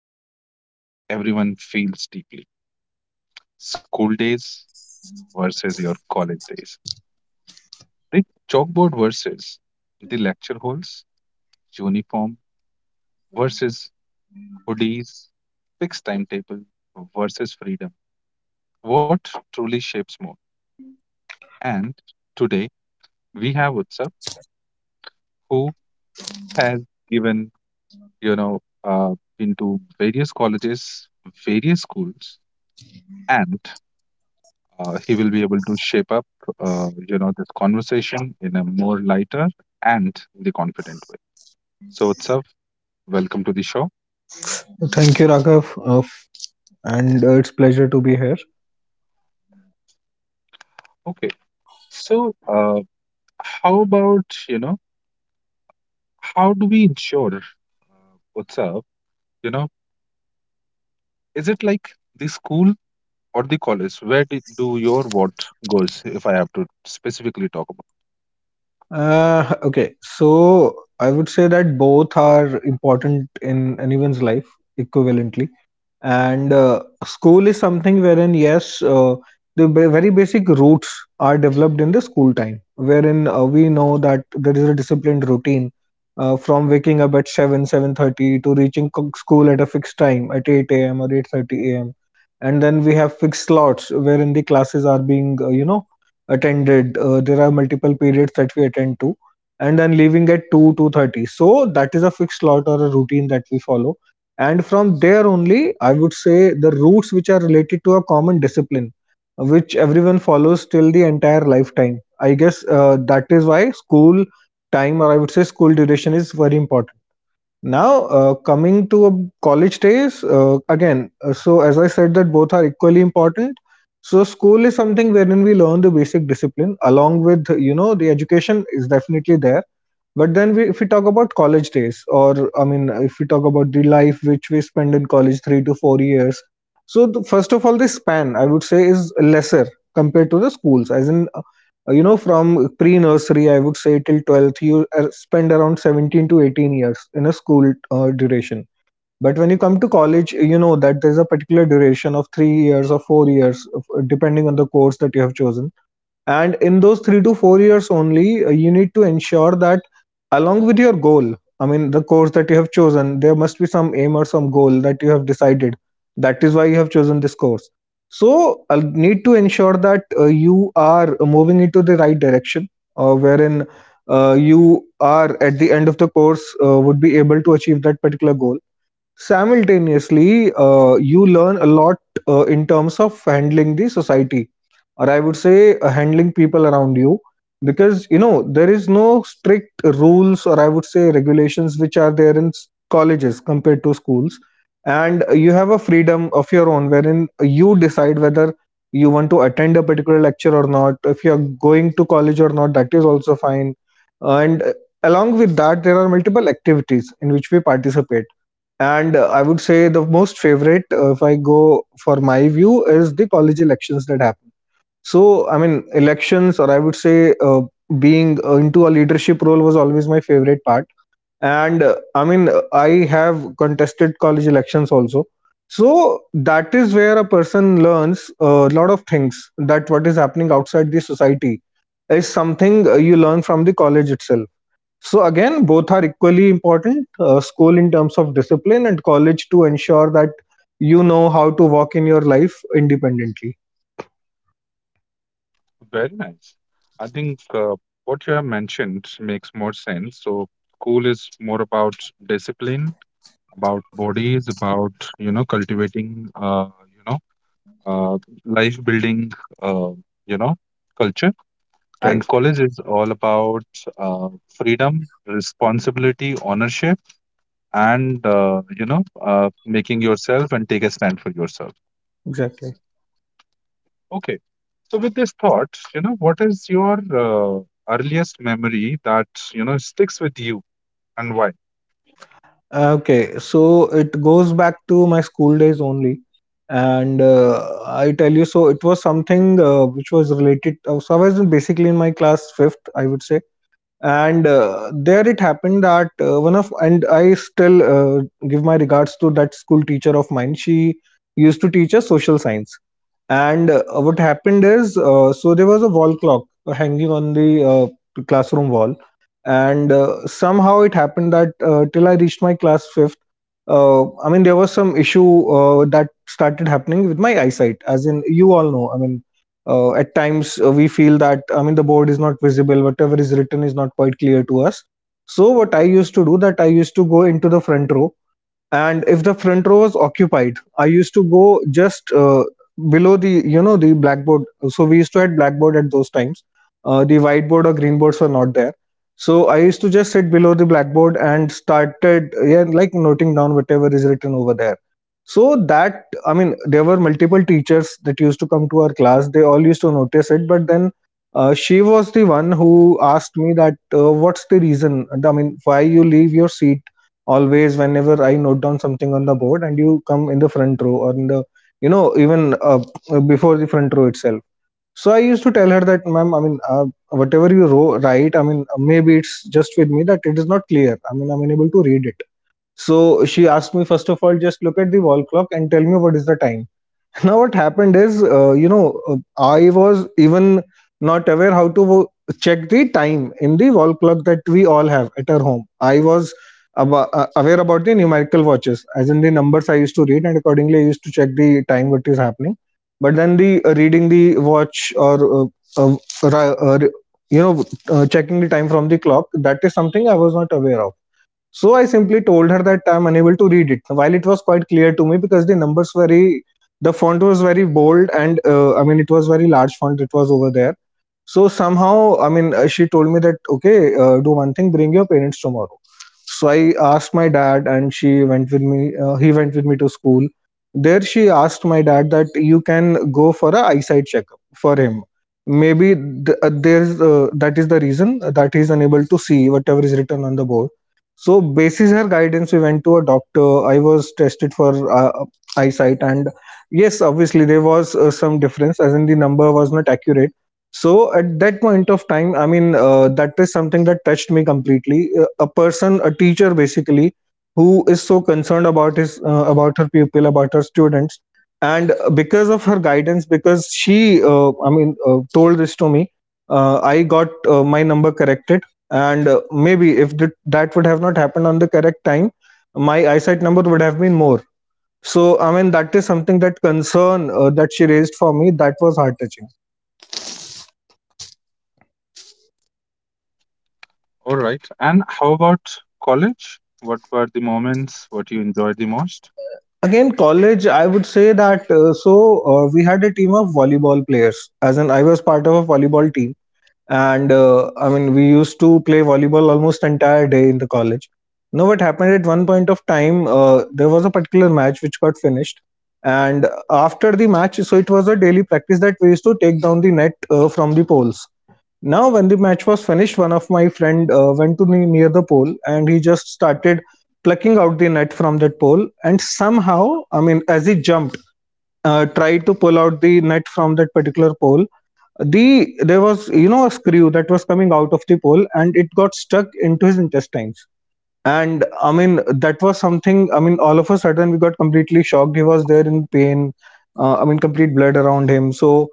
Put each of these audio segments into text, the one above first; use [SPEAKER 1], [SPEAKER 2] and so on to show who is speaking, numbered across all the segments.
[SPEAKER 1] Topics that everyone feels deeply. School days versus your college days. The chalkboard versus the lecture halls, uniform versus hoodies, fixed timetable versus freedom. What truly shapes more? And today, we have Utsav, who has given been to various colleges, various schools, and he will be able to shape up, this conversation in a more lighter and the confident way. So, Utsav, welcome to the show.
[SPEAKER 2] Thank you, Raghav, f- and it's pleasure to be here.
[SPEAKER 1] Okay, so how about how do we ensure, Utsav? You know, is it like the school or the college? Where do your what goes? If I have to specifically talk about.
[SPEAKER 2] Okay, so I would say that both are important in anyone's life equivalently. And school is something wherein the very basic roots are developed in the school time wherein we know that there is a disciplined routine, from waking up at 7, 7:30 to reaching school at a fixed time at 8 a.m or 8:30 a.m, and then we have fixed slots wherein the classes are being, attended. There are multiple periods that we attend to, and then leaving at 2, 2:30. So that is a fixed slot or a routine that we follow, and from there only, I would say, the roots which are related to a common discipline which everyone follows till the entire lifetime, I guess. That is why school time, or I would say, school duration is very important. Now, coming to college days. Again So as I said, that both are equally important. So school is something wherein we learn the basic discipline, along with, you know, the education is definitely there. But then we, if we talk about college days, or I mean, if we talk about the life which we spend in college, 3 to 4 years. So the, first of all, the span I would say is lesser compared to the schools. As in, from pre-nursery, I would say till twelfth, you spend around 17 to 18 years in a school duration. But when you come to college, you know that there's a particular duration of 3 years or 4 years, depending on the course that you have chosen, and in those 3 to 4 years only, you need to ensure that along with your goal, I mean the course that you have chosen, there must be some aim or some goal that you have decided, that is why you have chosen this course. So I need to ensure that you are moving into the right direction, wherein you are at the end of the course, would be able to achieve that particular goal. Simultaneously, you learn a lot in terms of handling the society, or I would say, handling people around you, because you know there is no strict rules, or I would say regulations, which are there in colleges compared to schools, and you have a freedom of your own wherein you decide whether you want to attend a particular lecture or not. If you are going to college or not, that is also fine, and along with that, there are multiple activities in which we participate, and I would say the most favorite, if I go for my view, is the college elections that happen. So, I mean, elections, or I would say, being into a leadership role was always my favorite part. And I mean, I have contested college elections also. So, that is where a person learns a lot of things, that what is happening outside the society is something you learn from the college itself. So again, both are equally important. School in terms of discipline, and college to ensure that you know how to walk in your life independently.
[SPEAKER 1] Very nice. I think what you have mentioned makes more sense. So school is more about discipline, about bodies, about cultivating you know uh, life building, uh, you know culture, and
[SPEAKER 2] Right.
[SPEAKER 1] college is all about freedom, responsibility, ownership, and making yourself and take a stand for yourself.
[SPEAKER 2] Exactly.
[SPEAKER 1] Okay. So with this thought, you know, what is your earliest memory that, you know, sticks with you and why?
[SPEAKER 2] Okay. So it goes back to my school days only, and I tell you, so it was something which was related. So I was basically in my class fifth, I would say, and there it happened that one of, and I still give my regards to that school teacher of mine. She used to teach us social science, and what happened is, so there was a wall clock hanging on the classroom wall, and somehow it happened that till I reached my class fifth, I mean, there was some issue that started happening with my eyesight, as in you all know. I mean, at times we feel that, I mean, the board is not visible, whatever is written is not quite clear to us. So what I used to do, that I used to go into the front row, and if the front row was occupied, I used to go just below the, you know, the blackboard. So we used to had blackboard at those times, the whiteboard or green boards were not there. So I used to just sit below the blackboard and started, yeah, like noting down whatever is written over there. So that, I mean, there were multiple teachers that used to come to our class, they all used to notice it, but then she was the one who asked me that, what's the reason, I mean, why you leave your seat always whenever I note down something on the board, and you come in the front row or in the, you know, even before the front row itself. So I used to tell her that, ma'am, I mean, whatever you row, write, I mean, maybe it's just with me that it is not clear. I mean, I'm unable to read it. So she asked me, first of all, just look at the wall clock and tell me what is the time. Now what happened is, I was even not aware how to check the time in the wall clock that we all have at our home. I was aware about the numerical watches, as in the numbers I used to read, and accordingly I used to check the time what is happening. But then the, reading the watch, or uh, ra- uh, checking the time from the clock, that is something I was not aware of. So I simply told her that I'm unable to read it, while it was quite clear to me, because the numbers were very, the font was very bold, and I mean, it was very large font. It was over there. So somehow, I mean, she told me that, okay, do one thing, bring your parents tomorrow. So I asked my dad, and she went with me. He went with me to school. There, she asked my dad that you can go for a eyesight checkup for him. Maybe th- there's that is the reason that he's unable to see whatever is written on the board. So, basis her guidance, we went to a doctor. I was tested for eyesight, and yes, obviously there was some difference, as in the number was not accurate. So at that point of time, I mean, that is something that touched me completely. A person, a teacher basically, who is so concerned about his, about her pupil, about her students, and because of her guidance, because she, I mean, told this to me, I got my number corrected, and maybe if that would have not happened on the correct time, my eyesight number would have been more. So I mean, that is something, that concern, that she raised for me, that was heart touching.
[SPEAKER 1] Okay. All right. And how about college? What were the moments what you enjoyed the most?
[SPEAKER 2] Again, college, I would say that, so we had a team of volleyball players, as in I was part of a volleyball team, and I mean, we used to play volleyball almost entire day in the college. Now, what happened at one point of time, there was a particular match which got finished, and after the match, so it was a daily practice that we used to take down the net from the poles. Now when the match was finished, one of my friend went to near the pole and he just started plucking out the net from that pole, and somehow, I mean, as he jumped, tried to pull out the net from that particular pole, there was, you know, a screw that was coming out of the pole and it got stuck into his intestines. And I mean, that was something, I mean, all of a sudden we got completely shocked. He was there in pain, I mean, complete blood around him. So,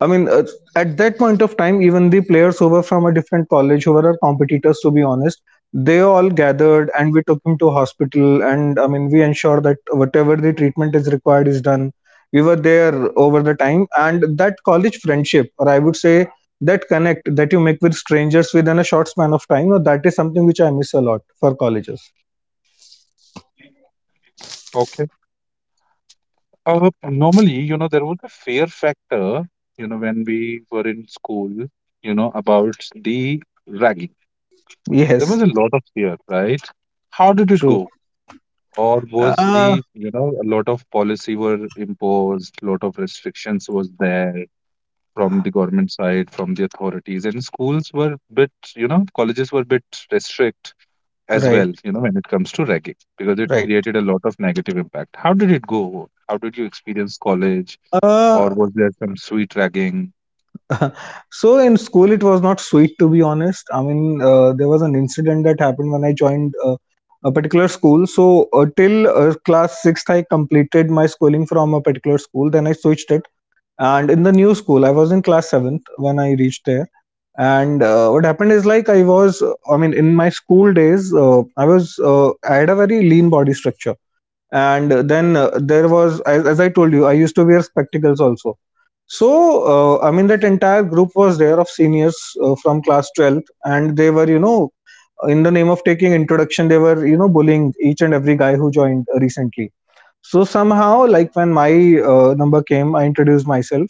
[SPEAKER 2] I mean, at that point of time, even the players who were from a different college, who were our competitors, to be honest, they all gathered, and we took him to hospital, and I mean we ensured that whatever the treatment is required is done. We were there over the time. And that college friendship, or I would say that connect that you make with strangers within a short span of time, or that is something which I miss a lot for colleges.
[SPEAKER 1] Okay. Normally, you know, there was a fear factor, you know, when we were in school, you know, about the ragging. There was
[SPEAKER 2] Yes.
[SPEAKER 1] a lot of fear, right? How did it
[SPEAKER 2] True.
[SPEAKER 1] go? Or was
[SPEAKER 2] uh,
[SPEAKER 1] the, you know, a lot of policy were imposed, lot of restrictions was there? From the government side, from the authorities, and schools were bit, you know, colleges were bit restrict as
[SPEAKER 2] right.
[SPEAKER 1] well, you know, when it comes to ragging, because it
[SPEAKER 2] Right.
[SPEAKER 1] created a lot of negative impact. How did it go? How did you experience college,
[SPEAKER 2] uh,
[SPEAKER 1] or was there some sweet ragging?
[SPEAKER 2] so in school it was not sweet, to be honest. I mean, there was an incident that happened when I joined a particular school. So till, class 6th, I completed my schooling from a particular school, then I switched it, and in the new school I was in class 7th when I reached there. And what happened is, like, I was, I mean, in my school days, I was, I had a very lean body structure. And then there was, as I told you, I used to wear spectacles also. So I mean, that entire group was there of seniors from class 12th, and they were, you know, in the name of taking introduction, they were, you know, bullying each and every guy who joined recently. So somehow, like, when my number came, I introduced myself,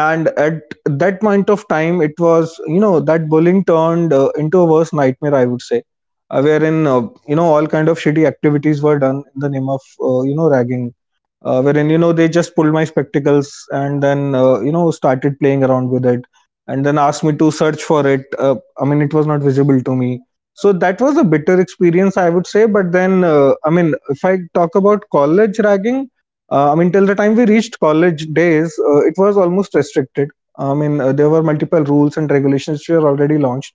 [SPEAKER 2] and at that point of time, it was, you know, that bullying turned into a worse nightmare, I would say, wherein, you know, all kind of shitty activities were done in the name of, you know, ragging, wherein, you know, they just pulled my spectacles and then, you know, started playing around with it and then asked me to search for it. I mean, it was not visible to me. So that was a bitter experience, I would say. But then I mean, if I talk about college ragging, I mean, till the time we reached college days, it was almost restricted. I mean, there were multiple rules and regulations which were already launched.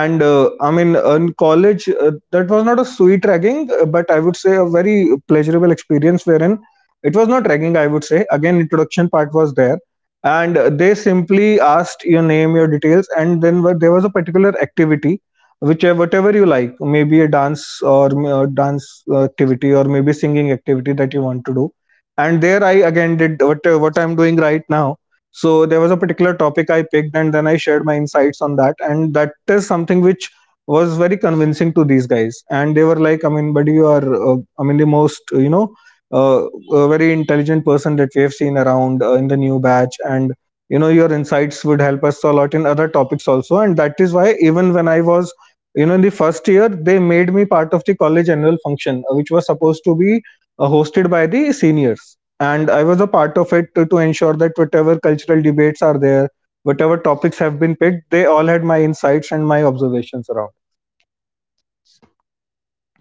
[SPEAKER 2] And I mean, in college, that was not a sweet ragging, but I would say a very pleasurable experience, wherein it was not ragging, I would say. Again, introduction part was there, and they simply asked your name, your details, and then there was a particular activity which, whatever you like, maybe a dance, or dance activity, or maybe singing activity that you want to do. And there I again did what, what I'm doing right now. So there was a particular topic I picked, and then I shared my insights on that, and that is something which was very convincing to these guys, and they were like, I mean, buddy, you are, I mean, the most, you know, uh, a very intelligent person that we have seen around, in the new batch. And you know, your insights would help us a lot in other topics also. And that is why, even when I was, you know, in the first year, they made me part of the college annual function, which was supposed to be hosted by the seniors. And I was a part of it to ensure that whatever cultural debates are there, whatever topics have been picked, they all had my insights and my observations around.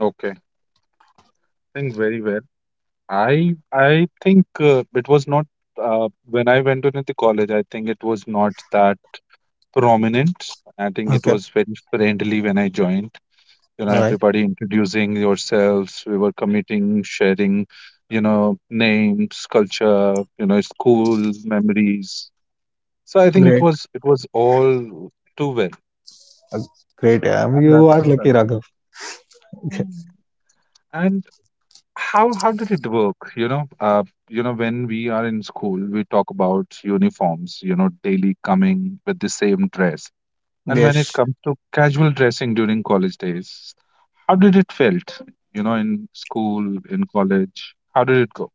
[SPEAKER 1] Okay, think very well. I think it was not when I went into the college. I think it was not that prominent. I think it
[SPEAKER 2] Okay.
[SPEAKER 1] was very friendly when I joined, you know,
[SPEAKER 2] All right.
[SPEAKER 1] everybody introducing yourselves, we were committing sharing, you know, names, culture, you know, school memories, so I think it
[SPEAKER 2] Great.
[SPEAKER 1] was it was all too well,
[SPEAKER 2] Great. Yeah,
[SPEAKER 1] and
[SPEAKER 2] you are
[SPEAKER 1] that's
[SPEAKER 2] lucky,
[SPEAKER 1] that's it.
[SPEAKER 2] Raghav. Okay.
[SPEAKER 1] Mm. And how did it work, you know, when we are in school we talk about uniforms, you know, daily coming with the same dress, and when it
[SPEAKER 2] Yes.
[SPEAKER 1] comes to casual dressing during college days, how did it felt? You know, in school, in college. How did it go?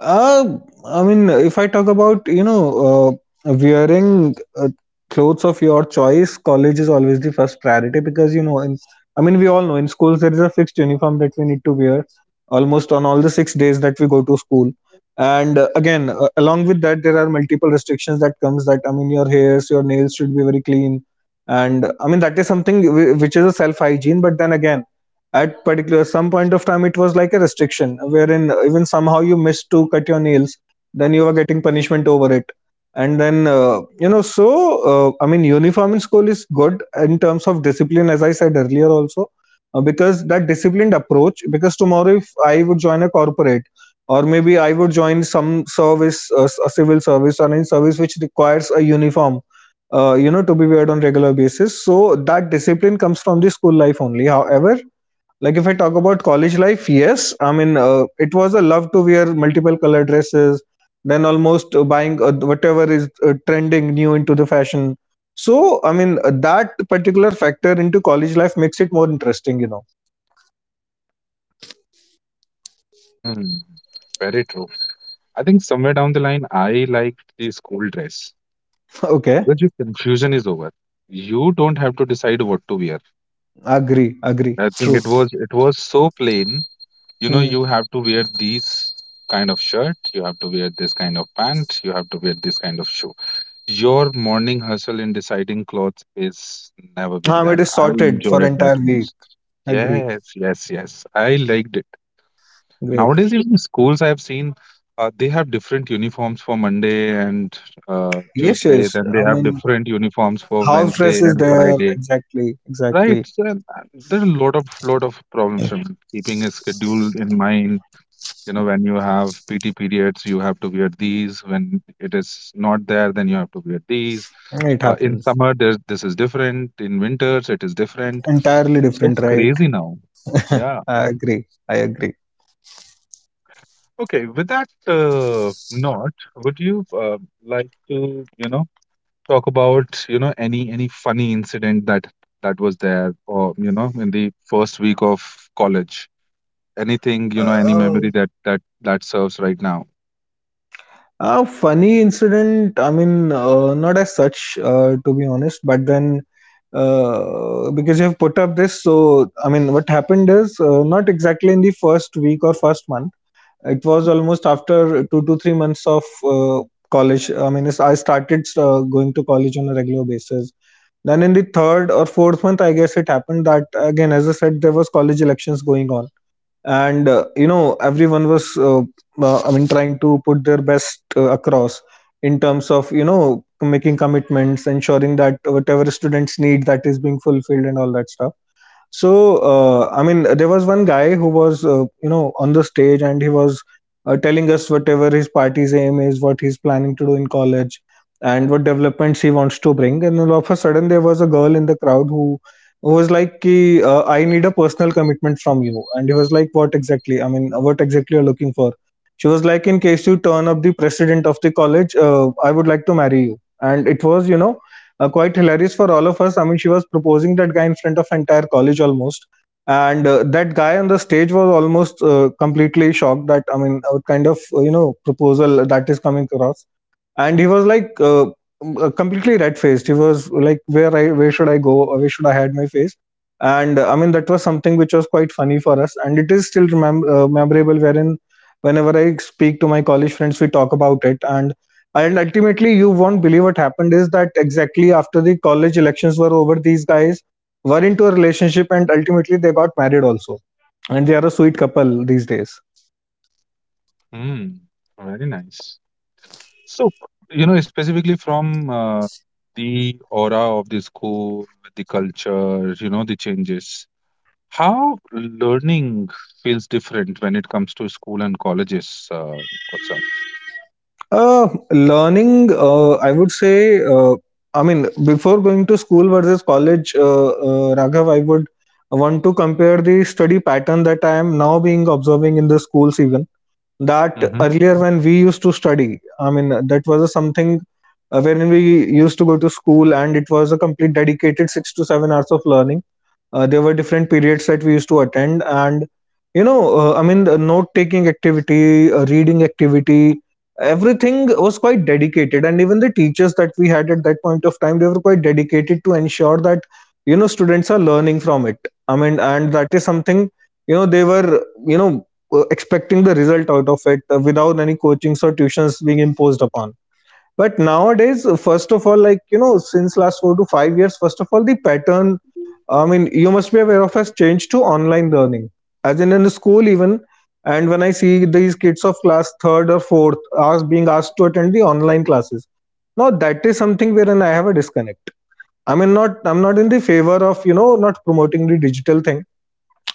[SPEAKER 2] Uh, I mean, if I talk about, you know, wearing clothes of your choice, college is always the first priority because, you know, I mean, we all know in schools there is a fixed uniform that we need to wear almost on all the 6 days that we go to school. And again, along with that, there are multiple restrictions that comes, that, I mean, your hairs, your nails should be very clean. And I mean, that is something which is a self hygiene. But then again, at particular some point of time, it was like a restriction wherein even somehow you missed to cut your nails, then you were getting punishment over it. And then, you know, so I mean, uniform in school is good in terms of discipline, as I said earlier also, because that disciplined approach, because tomorrow if I would join a corporate or maybe I would join some service, a civil service or any service which requires a uniform you know, to be weared on regular basis, so that discipline comes from the school life only. However, like, if I talk about college life, yes, I mean, it was a love to wear multiple color dresses, then almost buying whatever is trending new into the fashion. So I mean, that particular factor into college life makes it more interesting, you know.
[SPEAKER 1] Mm, very true. I think somewhere down the line, I liked the school dress
[SPEAKER 2] Okay.
[SPEAKER 1] because your confusion is over. You don't have to decide what to wear.
[SPEAKER 2] Agree, agree.
[SPEAKER 1] I think
[SPEAKER 2] True.
[SPEAKER 1] it was it was so plain. You know,
[SPEAKER 2] Hmm.
[SPEAKER 1] you have to wear these kind of shirt, you have to wear this kind of pant, you have to wear this kind of shoe. Your morning hustle in deciding clothes is never been there.
[SPEAKER 2] It is
[SPEAKER 1] I
[SPEAKER 2] sorted for
[SPEAKER 1] enjoyed that
[SPEAKER 2] entire week.
[SPEAKER 1] most.
[SPEAKER 2] Agree.
[SPEAKER 1] Yes, yes, yes. I liked.
[SPEAKER 2] Great.
[SPEAKER 1] Nowadays, even schools I've seen, they have different uniforms for Monday and
[SPEAKER 2] Yes,
[SPEAKER 1] Tuesday.
[SPEAKER 2] yes.
[SPEAKER 1] Then they
[SPEAKER 2] I
[SPEAKER 1] have
[SPEAKER 2] mean,
[SPEAKER 1] different uniforms for
[SPEAKER 2] house
[SPEAKER 1] Wednesday
[SPEAKER 2] dress is
[SPEAKER 1] and
[SPEAKER 2] there.
[SPEAKER 1] Friday.
[SPEAKER 2] Exactly,
[SPEAKER 1] Right?
[SPEAKER 2] exactly.
[SPEAKER 1] So, and, there's a lot of problems. Raman. Keeping a schedule in mind, you know, when you have PT periods, you have to wear these. When it is not there, then you have to wear these.
[SPEAKER 2] It
[SPEAKER 1] In
[SPEAKER 2] happens.
[SPEAKER 1] summer, there's this is different. In winters, it is different.
[SPEAKER 2] Entirely
[SPEAKER 1] It's so
[SPEAKER 2] different, right.
[SPEAKER 1] crazy now. Yeah.
[SPEAKER 2] I agree. I agree.
[SPEAKER 1] Okay, with that note, would you like to, you know, talk about, you know, any funny incident that that was there, or you know, in the first week of college? Anything, you know, any memory
[SPEAKER 2] Oh.
[SPEAKER 1] that that serves right now?
[SPEAKER 2] A funny incident. I mean, not as such, to be honest. But then, because you have put up this, so I mean, what happened is, not exactly in the first week or first month. It was almost after 2 to 3 months of college. I mean, it's- I started going to college on a regular basis. Then in the third or fourth month, I guess, it happened that, again, as I said, there was college elections going on. And you know, everyone was, I mean, trying to put their best across in terms of, you know, making commitments, ensuring that whatever students need, that is being fulfilled, and all that stuff. So, I mean, there was one guy who was, you know, on the stage, and he was telling us whatever his party's aim is, what he's planning to do in college, and what developments he wants to bring. And all of a sudden, there was a girl in the crowd who was like, "Ki, I need a personal commitment from you." And he was like, "What exactly? I mean, what exactly you're looking for?" She was like, "In case you turn up the president of the college, I would like to marry you." And it was, you know, quite hilarious for all of us. I mean, she was proposing that guy in front of entire college almost. And that guy on the stage was almost completely shocked, that, I mean, what kind of you know, proposal that is coming across. And he was like, completely red faced, he was like, "Where I, where should I go, or where should I hide my face?" And I mean, that was something which was quite funny for us, and it is still memorable, wherein whenever I speak to my college friends, we talk about it. And ultimately, you won't believe what happened is that, exactly after the college elections were over, these guys were into a relationship, and ultimately they got married also, and they are a sweet couple these days.
[SPEAKER 1] Hmm, very nice. So, you know, specifically from the aura of the school, the culture, you know, the changes, how learning feels different when it comes to school and colleges, what's
[SPEAKER 2] Learning, I would say, I mean, before going to school versus college, Raghav, I would want to compare the study pattern that I am now being observing in the schools even. That
[SPEAKER 1] up?
[SPEAKER 2] earlier when we used to study, I mean, that was a something wherein we used to go to school, and it was a complete dedicated 6 to 7 hours of learning. There were different periods that we used to attend, and you know, I mean, the note-taking activity, reading activity, everything was quite dedicated. And even the teachers that we had at that point of time, they were quite dedicated to ensure that, you know, students are learning from it. I mean, and that is something, you know, they were, you know, expecting the result out of it, without any coachings or tuitions being imposed upon. But nowadays, first of all, like, you know, since last 4 to 5 years, first of all, the pattern, I mean, you must be aware of, has changed to online learning. As in the school even, and when I see these kids of class third or fourth are being asked to attend the online classes, now that is something wherein I have a disconnect. I mean, not I'm not in the favor of not promoting the digital thing.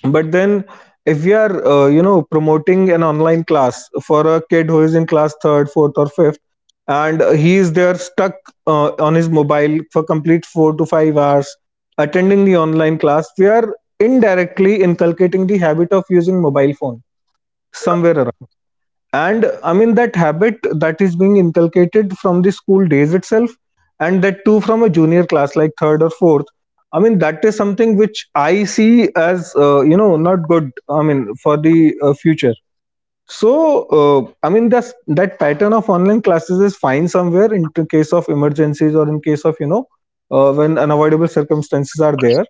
[SPEAKER 2] But then, if we are promoting an online class for a kid who is in class third, fourth, or fifth, and he is there stuck on his mobile for complete 4 to 5 hours attending the online class, we are indirectly inculcating the habit of using mobile phone somewhere around. And I mean, that habit that is being inculcated from the school days itself, and that too from a junior class like third or fourth, I mean, that is something which I see as not good, I mean, for the future. So, I mean, that pattern of online classes is fine somewhere in case of emergencies or in case of, when unavoidable circumstances are there.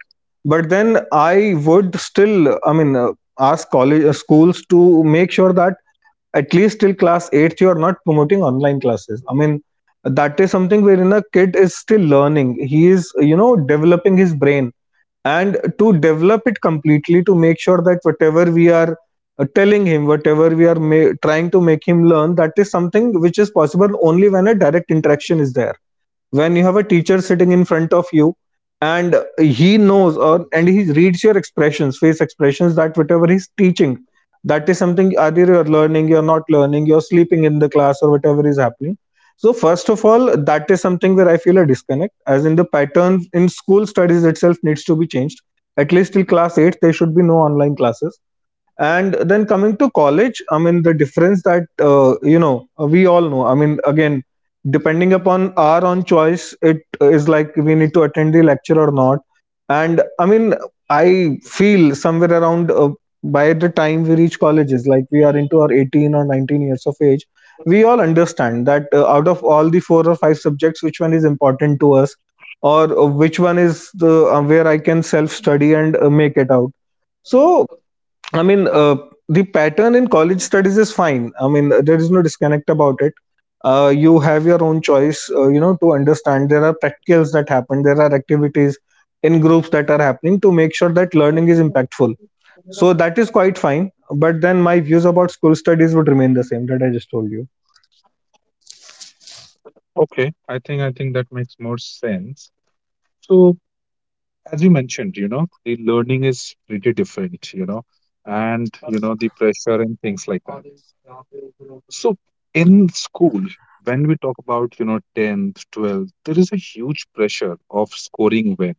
[SPEAKER 2] But then, I would still, I mean, ask college schools to make sure that at least till class 8, you are not promoting online classes. I mean, that is something wherein a kid is still learning, he is developing his brain. And to develop it completely, to make sure that whatever we are telling him, whatever we are trying to make him learn, that is something which is possible only when a direct interaction is there, when you have a teacher sitting in front of you, and he knows or and he reads your expressions, face expressions, that whatever he's teaching, that is something, either you're learning, you're not learning, you're sleeping in the class, or whatever is happening. So first of all, that is something where I feel a disconnect, as in the pattern in school studies itself needs to be changed. At least till class 8, there should be no online classes. And then, coming to college, I mean, the difference that, we all know, I mean, again, depending upon our own choice, it is like we need to attend the lecture or not. And I mean, I feel somewhere around, by the time we reach colleges, like, we are into our 18 or 19 years of age, we all understand that out of all the four or five subjects, which one is important to us, or which one is the where I can self study and make it out. So, I mean, the pattern in college studies is fine. I mean, there is no disconnect about it. You have your own choice, to understand. There are practicals that happen, there are activities in groups that are happening to make sure that learning is impactful. So that is quite fine. But then, my views about school studies would remain the same that I just told you.
[SPEAKER 1] Okay, I think that makes more sense. So as you mentioned, you know, the learning is pretty different, you know, and you know the pressure and things like that. So in school, when we talk about, you know, 10th, 12th, there is a huge pressure of scoring where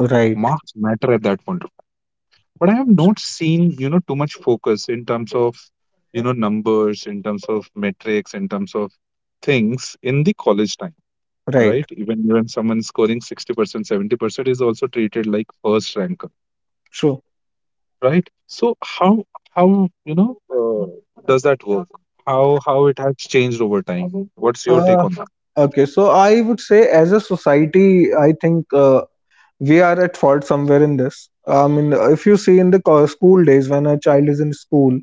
[SPEAKER 2] Right,
[SPEAKER 1] marks matter at that point of time. But I have not seen, you know, too much focus in terms of, you know, numbers, in terms of metrics, in terms of things in the college time. Right?
[SPEAKER 2] right.
[SPEAKER 1] Even when someone scoring 60%, 70% is also treated like first ranker,
[SPEAKER 2] Sure.
[SPEAKER 1] right? So how you know does that work? How it has changed over time? What's your take
[SPEAKER 2] Uh,
[SPEAKER 1] on that?
[SPEAKER 2] okay, so I would say, as a society, I think, we are at fault somewhere in this. I mean, if you see in the school days, when a child is in school,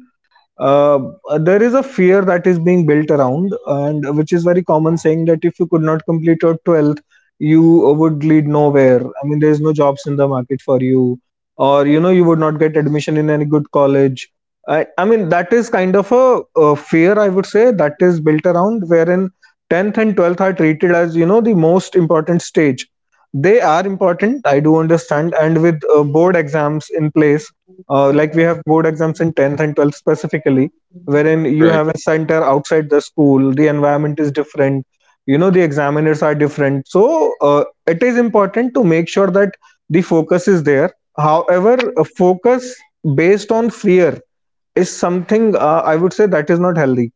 [SPEAKER 2] uh, there is a fear that is being built around, and which is very common, saying that if you could not complete your 12th, you would lead nowhere. I mean, there is no jobs in the market for you, or, you would not get admission in any good college. I mean that is kind of a fear, I would say, that is built around, wherein 10th and 12th are treated as, the most important stage. They are important, I do understand, and with board exams in place, like we have board exams in 10th and 12th specifically, wherein you
[SPEAKER 1] Right.
[SPEAKER 2] have a center outside the school, the environment is different, the examiners are different. So it is important to make sure that the focus is there. However, a focus based on fear is something, I would say, that is not healthy.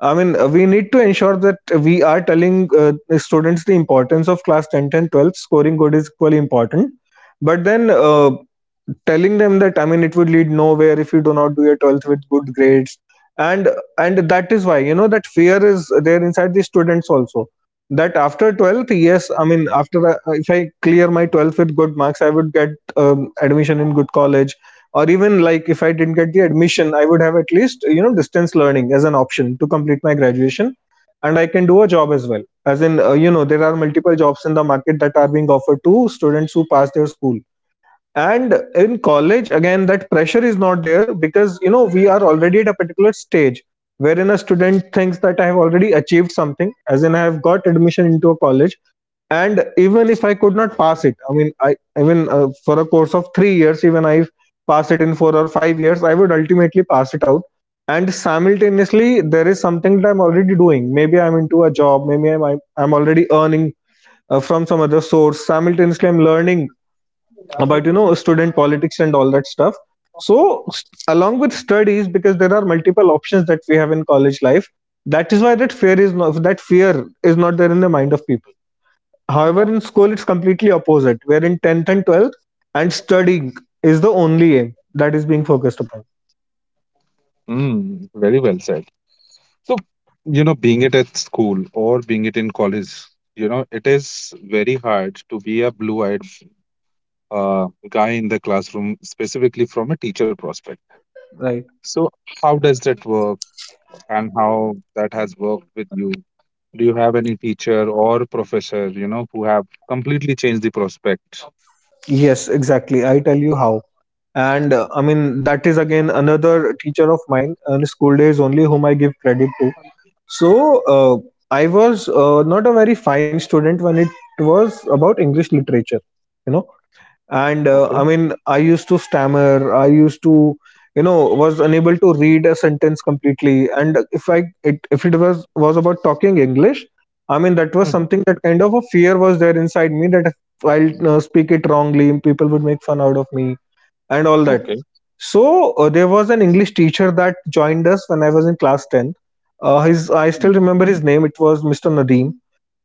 [SPEAKER 2] I mean, we need to ensure that we are telling the students the importance of class 10th and 12th. Scoring good is equally important. But then, telling them that, I mean, it would lead nowhere if you do not do your 12th with good grades. And and that is why, that fear is there inside the students also. That after 12th, yes, I mean, after, if I clear my 12th with good marks, I would get admission in good college, or even, like, if I didn't get the admission, I would have at least, distance learning as an option to complete my graduation. And I can do a job as well, as in, there are multiple jobs in the market that are being offered to students who pass their school. And in college, again, that pressure is not there, because, we are already at a particular stage, wherein a student thinks that I have already achieved something, as in, I have got admission into a college. And even if I could not pass it, I mean, I even for a course of 3 years, even I pass it in 4 or 5 years, I would ultimately pass it out. And simultaneously, there is something that I'm already doing, maybe I'm into a job, maybe I'm already earning from some other source. Simultaneously, I'm learning about, student politics and all that stuff. So, along with studies, because there are multiple options that we have in college life, that is why that fear is not there in the mind of people. However, in school, it's completely opposite, where in 10th and 12th, and studying is the only aim that is being focused upon.
[SPEAKER 1] Mm, very well said. So, you know, being it at school or being it in college, you know, it is very hard to be a blue-eyed guy in the classroom, specifically from a teacher prospect.
[SPEAKER 2] Right.
[SPEAKER 1] So, how does that work and how that has worked with you? Do you have any teacher or professor, you know, who have completely changed the prospect?
[SPEAKER 2] Yes, exactly. I tell you how. And I mean, that is again another teacher of mine, in school days only, whom I give credit to. So, I was not a very fine student when it was about English literature. You know, and
[SPEAKER 1] Okay.
[SPEAKER 2] I mean, I used to stammer, I used to, was unable to read a sentence completely, and if it was about talking English, I mean, that was
[SPEAKER 1] Hmm.
[SPEAKER 2] something, that kind of a fear was there inside me that if I'll speak it wrongly, people would make fun out of me and all that.
[SPEAKER 1] Okay.
[SPEAKER 2] So there was an English teacher that joined us when I was in class 10. His I still
[SPEAKER 1] Hmm.
[SPEAKER 2] remember his name, it was Mr. Nadeem.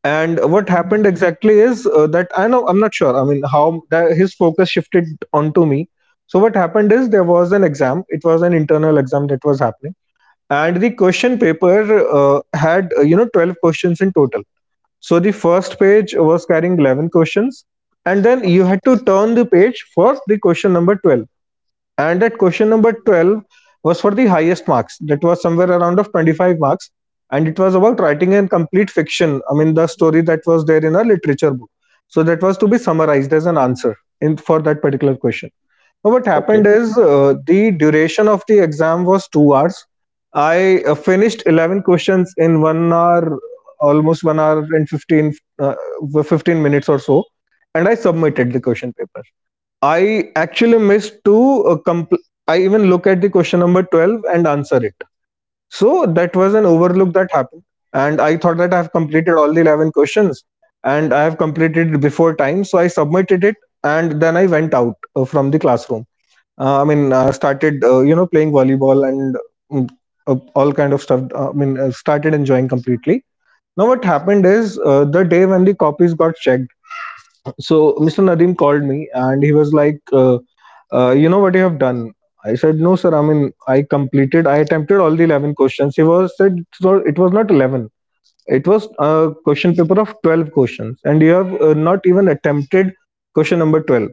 [SPEAKER 2] And what
[SPEAKER 1] Mhm.
[SPEAKER 2] happened exactly is, that I know, I'm not sure, I mean, how that his focus shifted onto me. So what happened is, there was an exam. It was an internal exam that was happening, and the question paper had, 12 questions in total. So the first page was carrying 11 questions, and then you had to turn the page for the question number 12. And at question number 12 was for the highest marks. That was somewhere around of 25 marks. And it was about writing a complete fiction. I mean, the story that was there in a literature book. So that was to be summarized as an answer in for that particular question. Now, what happened
[SPEAKER 1] Okay.
[SPEAKER 2] is, the duration of the exam was 2 hours. I finished 11 questions in 1 hour, almost 1 hour and 15, uh, 15 minutes or so. And I submitted the question paper. I actually missed to, I even look at the question number 12 and answer it. So that was an overlook that happened. And I thought that I have completed all the 11 questions, and I have completed it before time. So I submitted it, and then I went out from the classroom. I mean, started, playing volleyball and, mm, all kind of stuff. I mean, started enjoying completely. Now what happened is, the day when the copies got checked, so Mr. Nadeem called me, and he was like, "You know what you have done?" I said, "No, sir. I mean, I completed. I attempted all the 11 questions." He was said, "So it was not 11. It was a question paper of 12 questions, and you have not even attempted question number 12"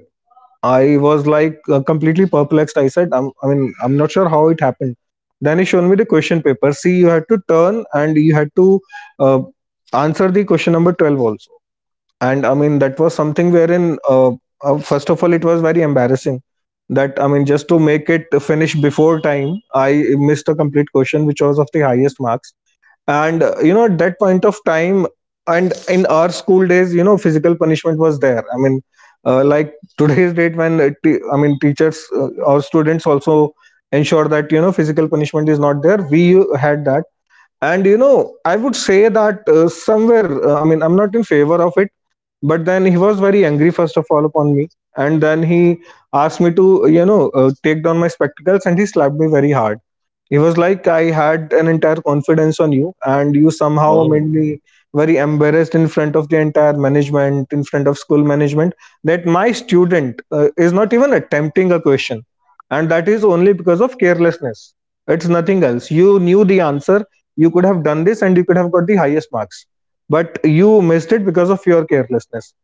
[SPEAKER 2] I was like, completely perplexed. I said, "I mean, I'm not sure how it happened." Then he showed me the question paper. See, you had to turn, and you had to uh, answer the question number 12 also. And I mean, that was something wherein, first of all, it was very embarrassing that, I mean, just to make it finish before time, I missed a complete question, which was of the highest marks. And, at that point of time, and in our school days, physical punishment was there. I mean, like today's date, when, I mean, teachers, or students also ensure that, physical punishment is not there. We had that. And, I would say that, somewhere, I mean, I'm not in favor of it, but then he was very angry, first of all, upon me, and then he asked me to, take down my spectacles, and he slapped me very hard. It was like, I had an entire confidence on you, and you somehow made
[SPEAKER 1] Oh,
[SPEAKER 2] me very embarrassed in front of the entire management, in front of school management, that my student is not even attempting a question. And that is only because of carelessness. It's nothing else. You knew the answer, you could have done this, and you could have got the highest marks. But you missed it because of your carelessness.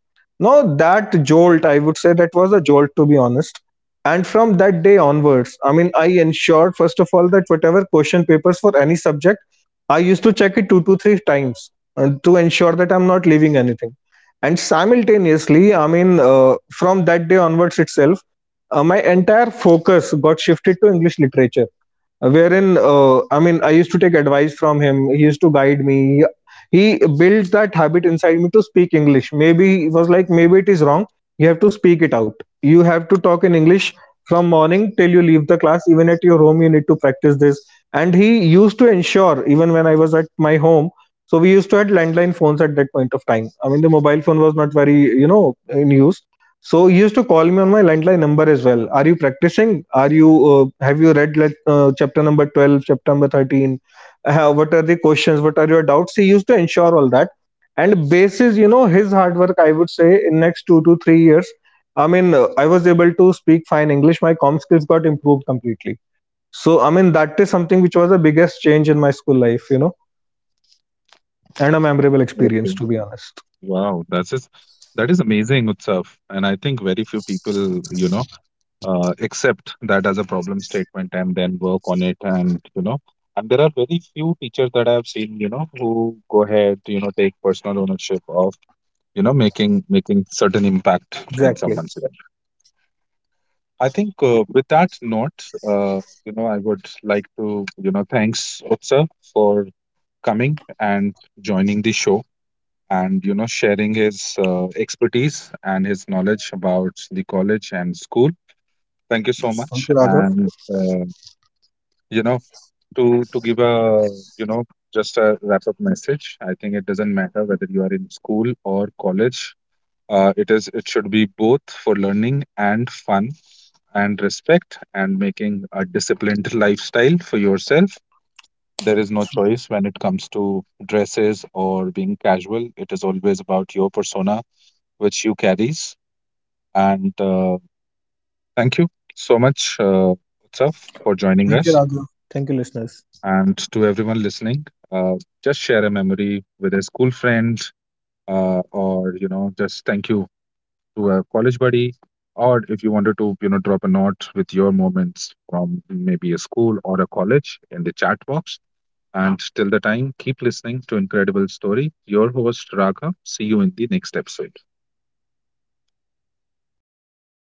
[SPEAKER 2] Now, that jolt, I would say, that was a jolt, to be honest, and from that day onwards, I mean, I ensured first of all that whatever question papers for any subject, I used to check it two to three times to ensure that I'm not leaving anything. And simultaneously, I mean, from that day onwards itself, my entire focus got shifted to English literature, wherein, I mean, I used to take advice from him. He used to guide me. He built that habit inside me to speak English. Maybe he was like, maybe it is wrong, you have to speak it out. You have to talk in English from morning till you leave the class. Even at your home, you need to practice this. And he used to ensure, even when I was at my home, so we used to had landline phones at that point of time. I mean, the mobile phone was not very, you know in use. So he used to call me on my landline number as well. Are you practicing, are you have you read, like, chapter number 12, chapter number 13, what are the questions, what are your doubts? He used to ensure all that. And basis, his hard work, I would say, in next 2 to 3 years, I mean, I was able to speak fine English. My com skills got improved completely. So, I mean, that is something which was the biggest change in my school life, and a memorable experience,
[SPEAKER 1] okay.
[SPEAKER 2] to be honest.
[SPEAKER 1] Wow. That is amazing itself. And I think very few people, you know, accept that as a problem statement and then work on it. And, you know, and there are very few teachers that I have seen, you know, who go ahead, you know, take personal ownership of, you know, making certain impact in
[SPEAKER 2] Exactly.
[SPEAKER 1] someone's life. I think with that note, you know, I would like to, you know, thanks Utsav for coming and joining the show and, you know, sharing his expertise and his knowledge about the college and school. Thank you so
[SPEAKER 2] Thank
[SPEAKER 1] much.
[SPEAKER 2] you, Raghav.
[SPEAKER 1] And, you know, to give a, you know, just a wrap up message, I think it doesn't matter whether you are in school or college. It is it should be both for learning and fun and respect and making a disciplined lifestyle for yourself. There is no choice when it comes to dresses or being casual. It is always about your persona, which you carries. And thank you so much, Utsav, for joining
[SPEAKER 2] Thank you,
[SPEAKER 1] us.
[SPEAKER 2] Raghav. Thank you, listeners.
[SPEAKER 1] And to everyone listening, just share a memory with a school friend, or you know, just thank you to a college buddy, or if you wanted to, you know, drop a note with your moments from maybe a school or a college in the chat box. And till the time, keep listening to Incredible Story. Your host, Raghav. See you in the next episode.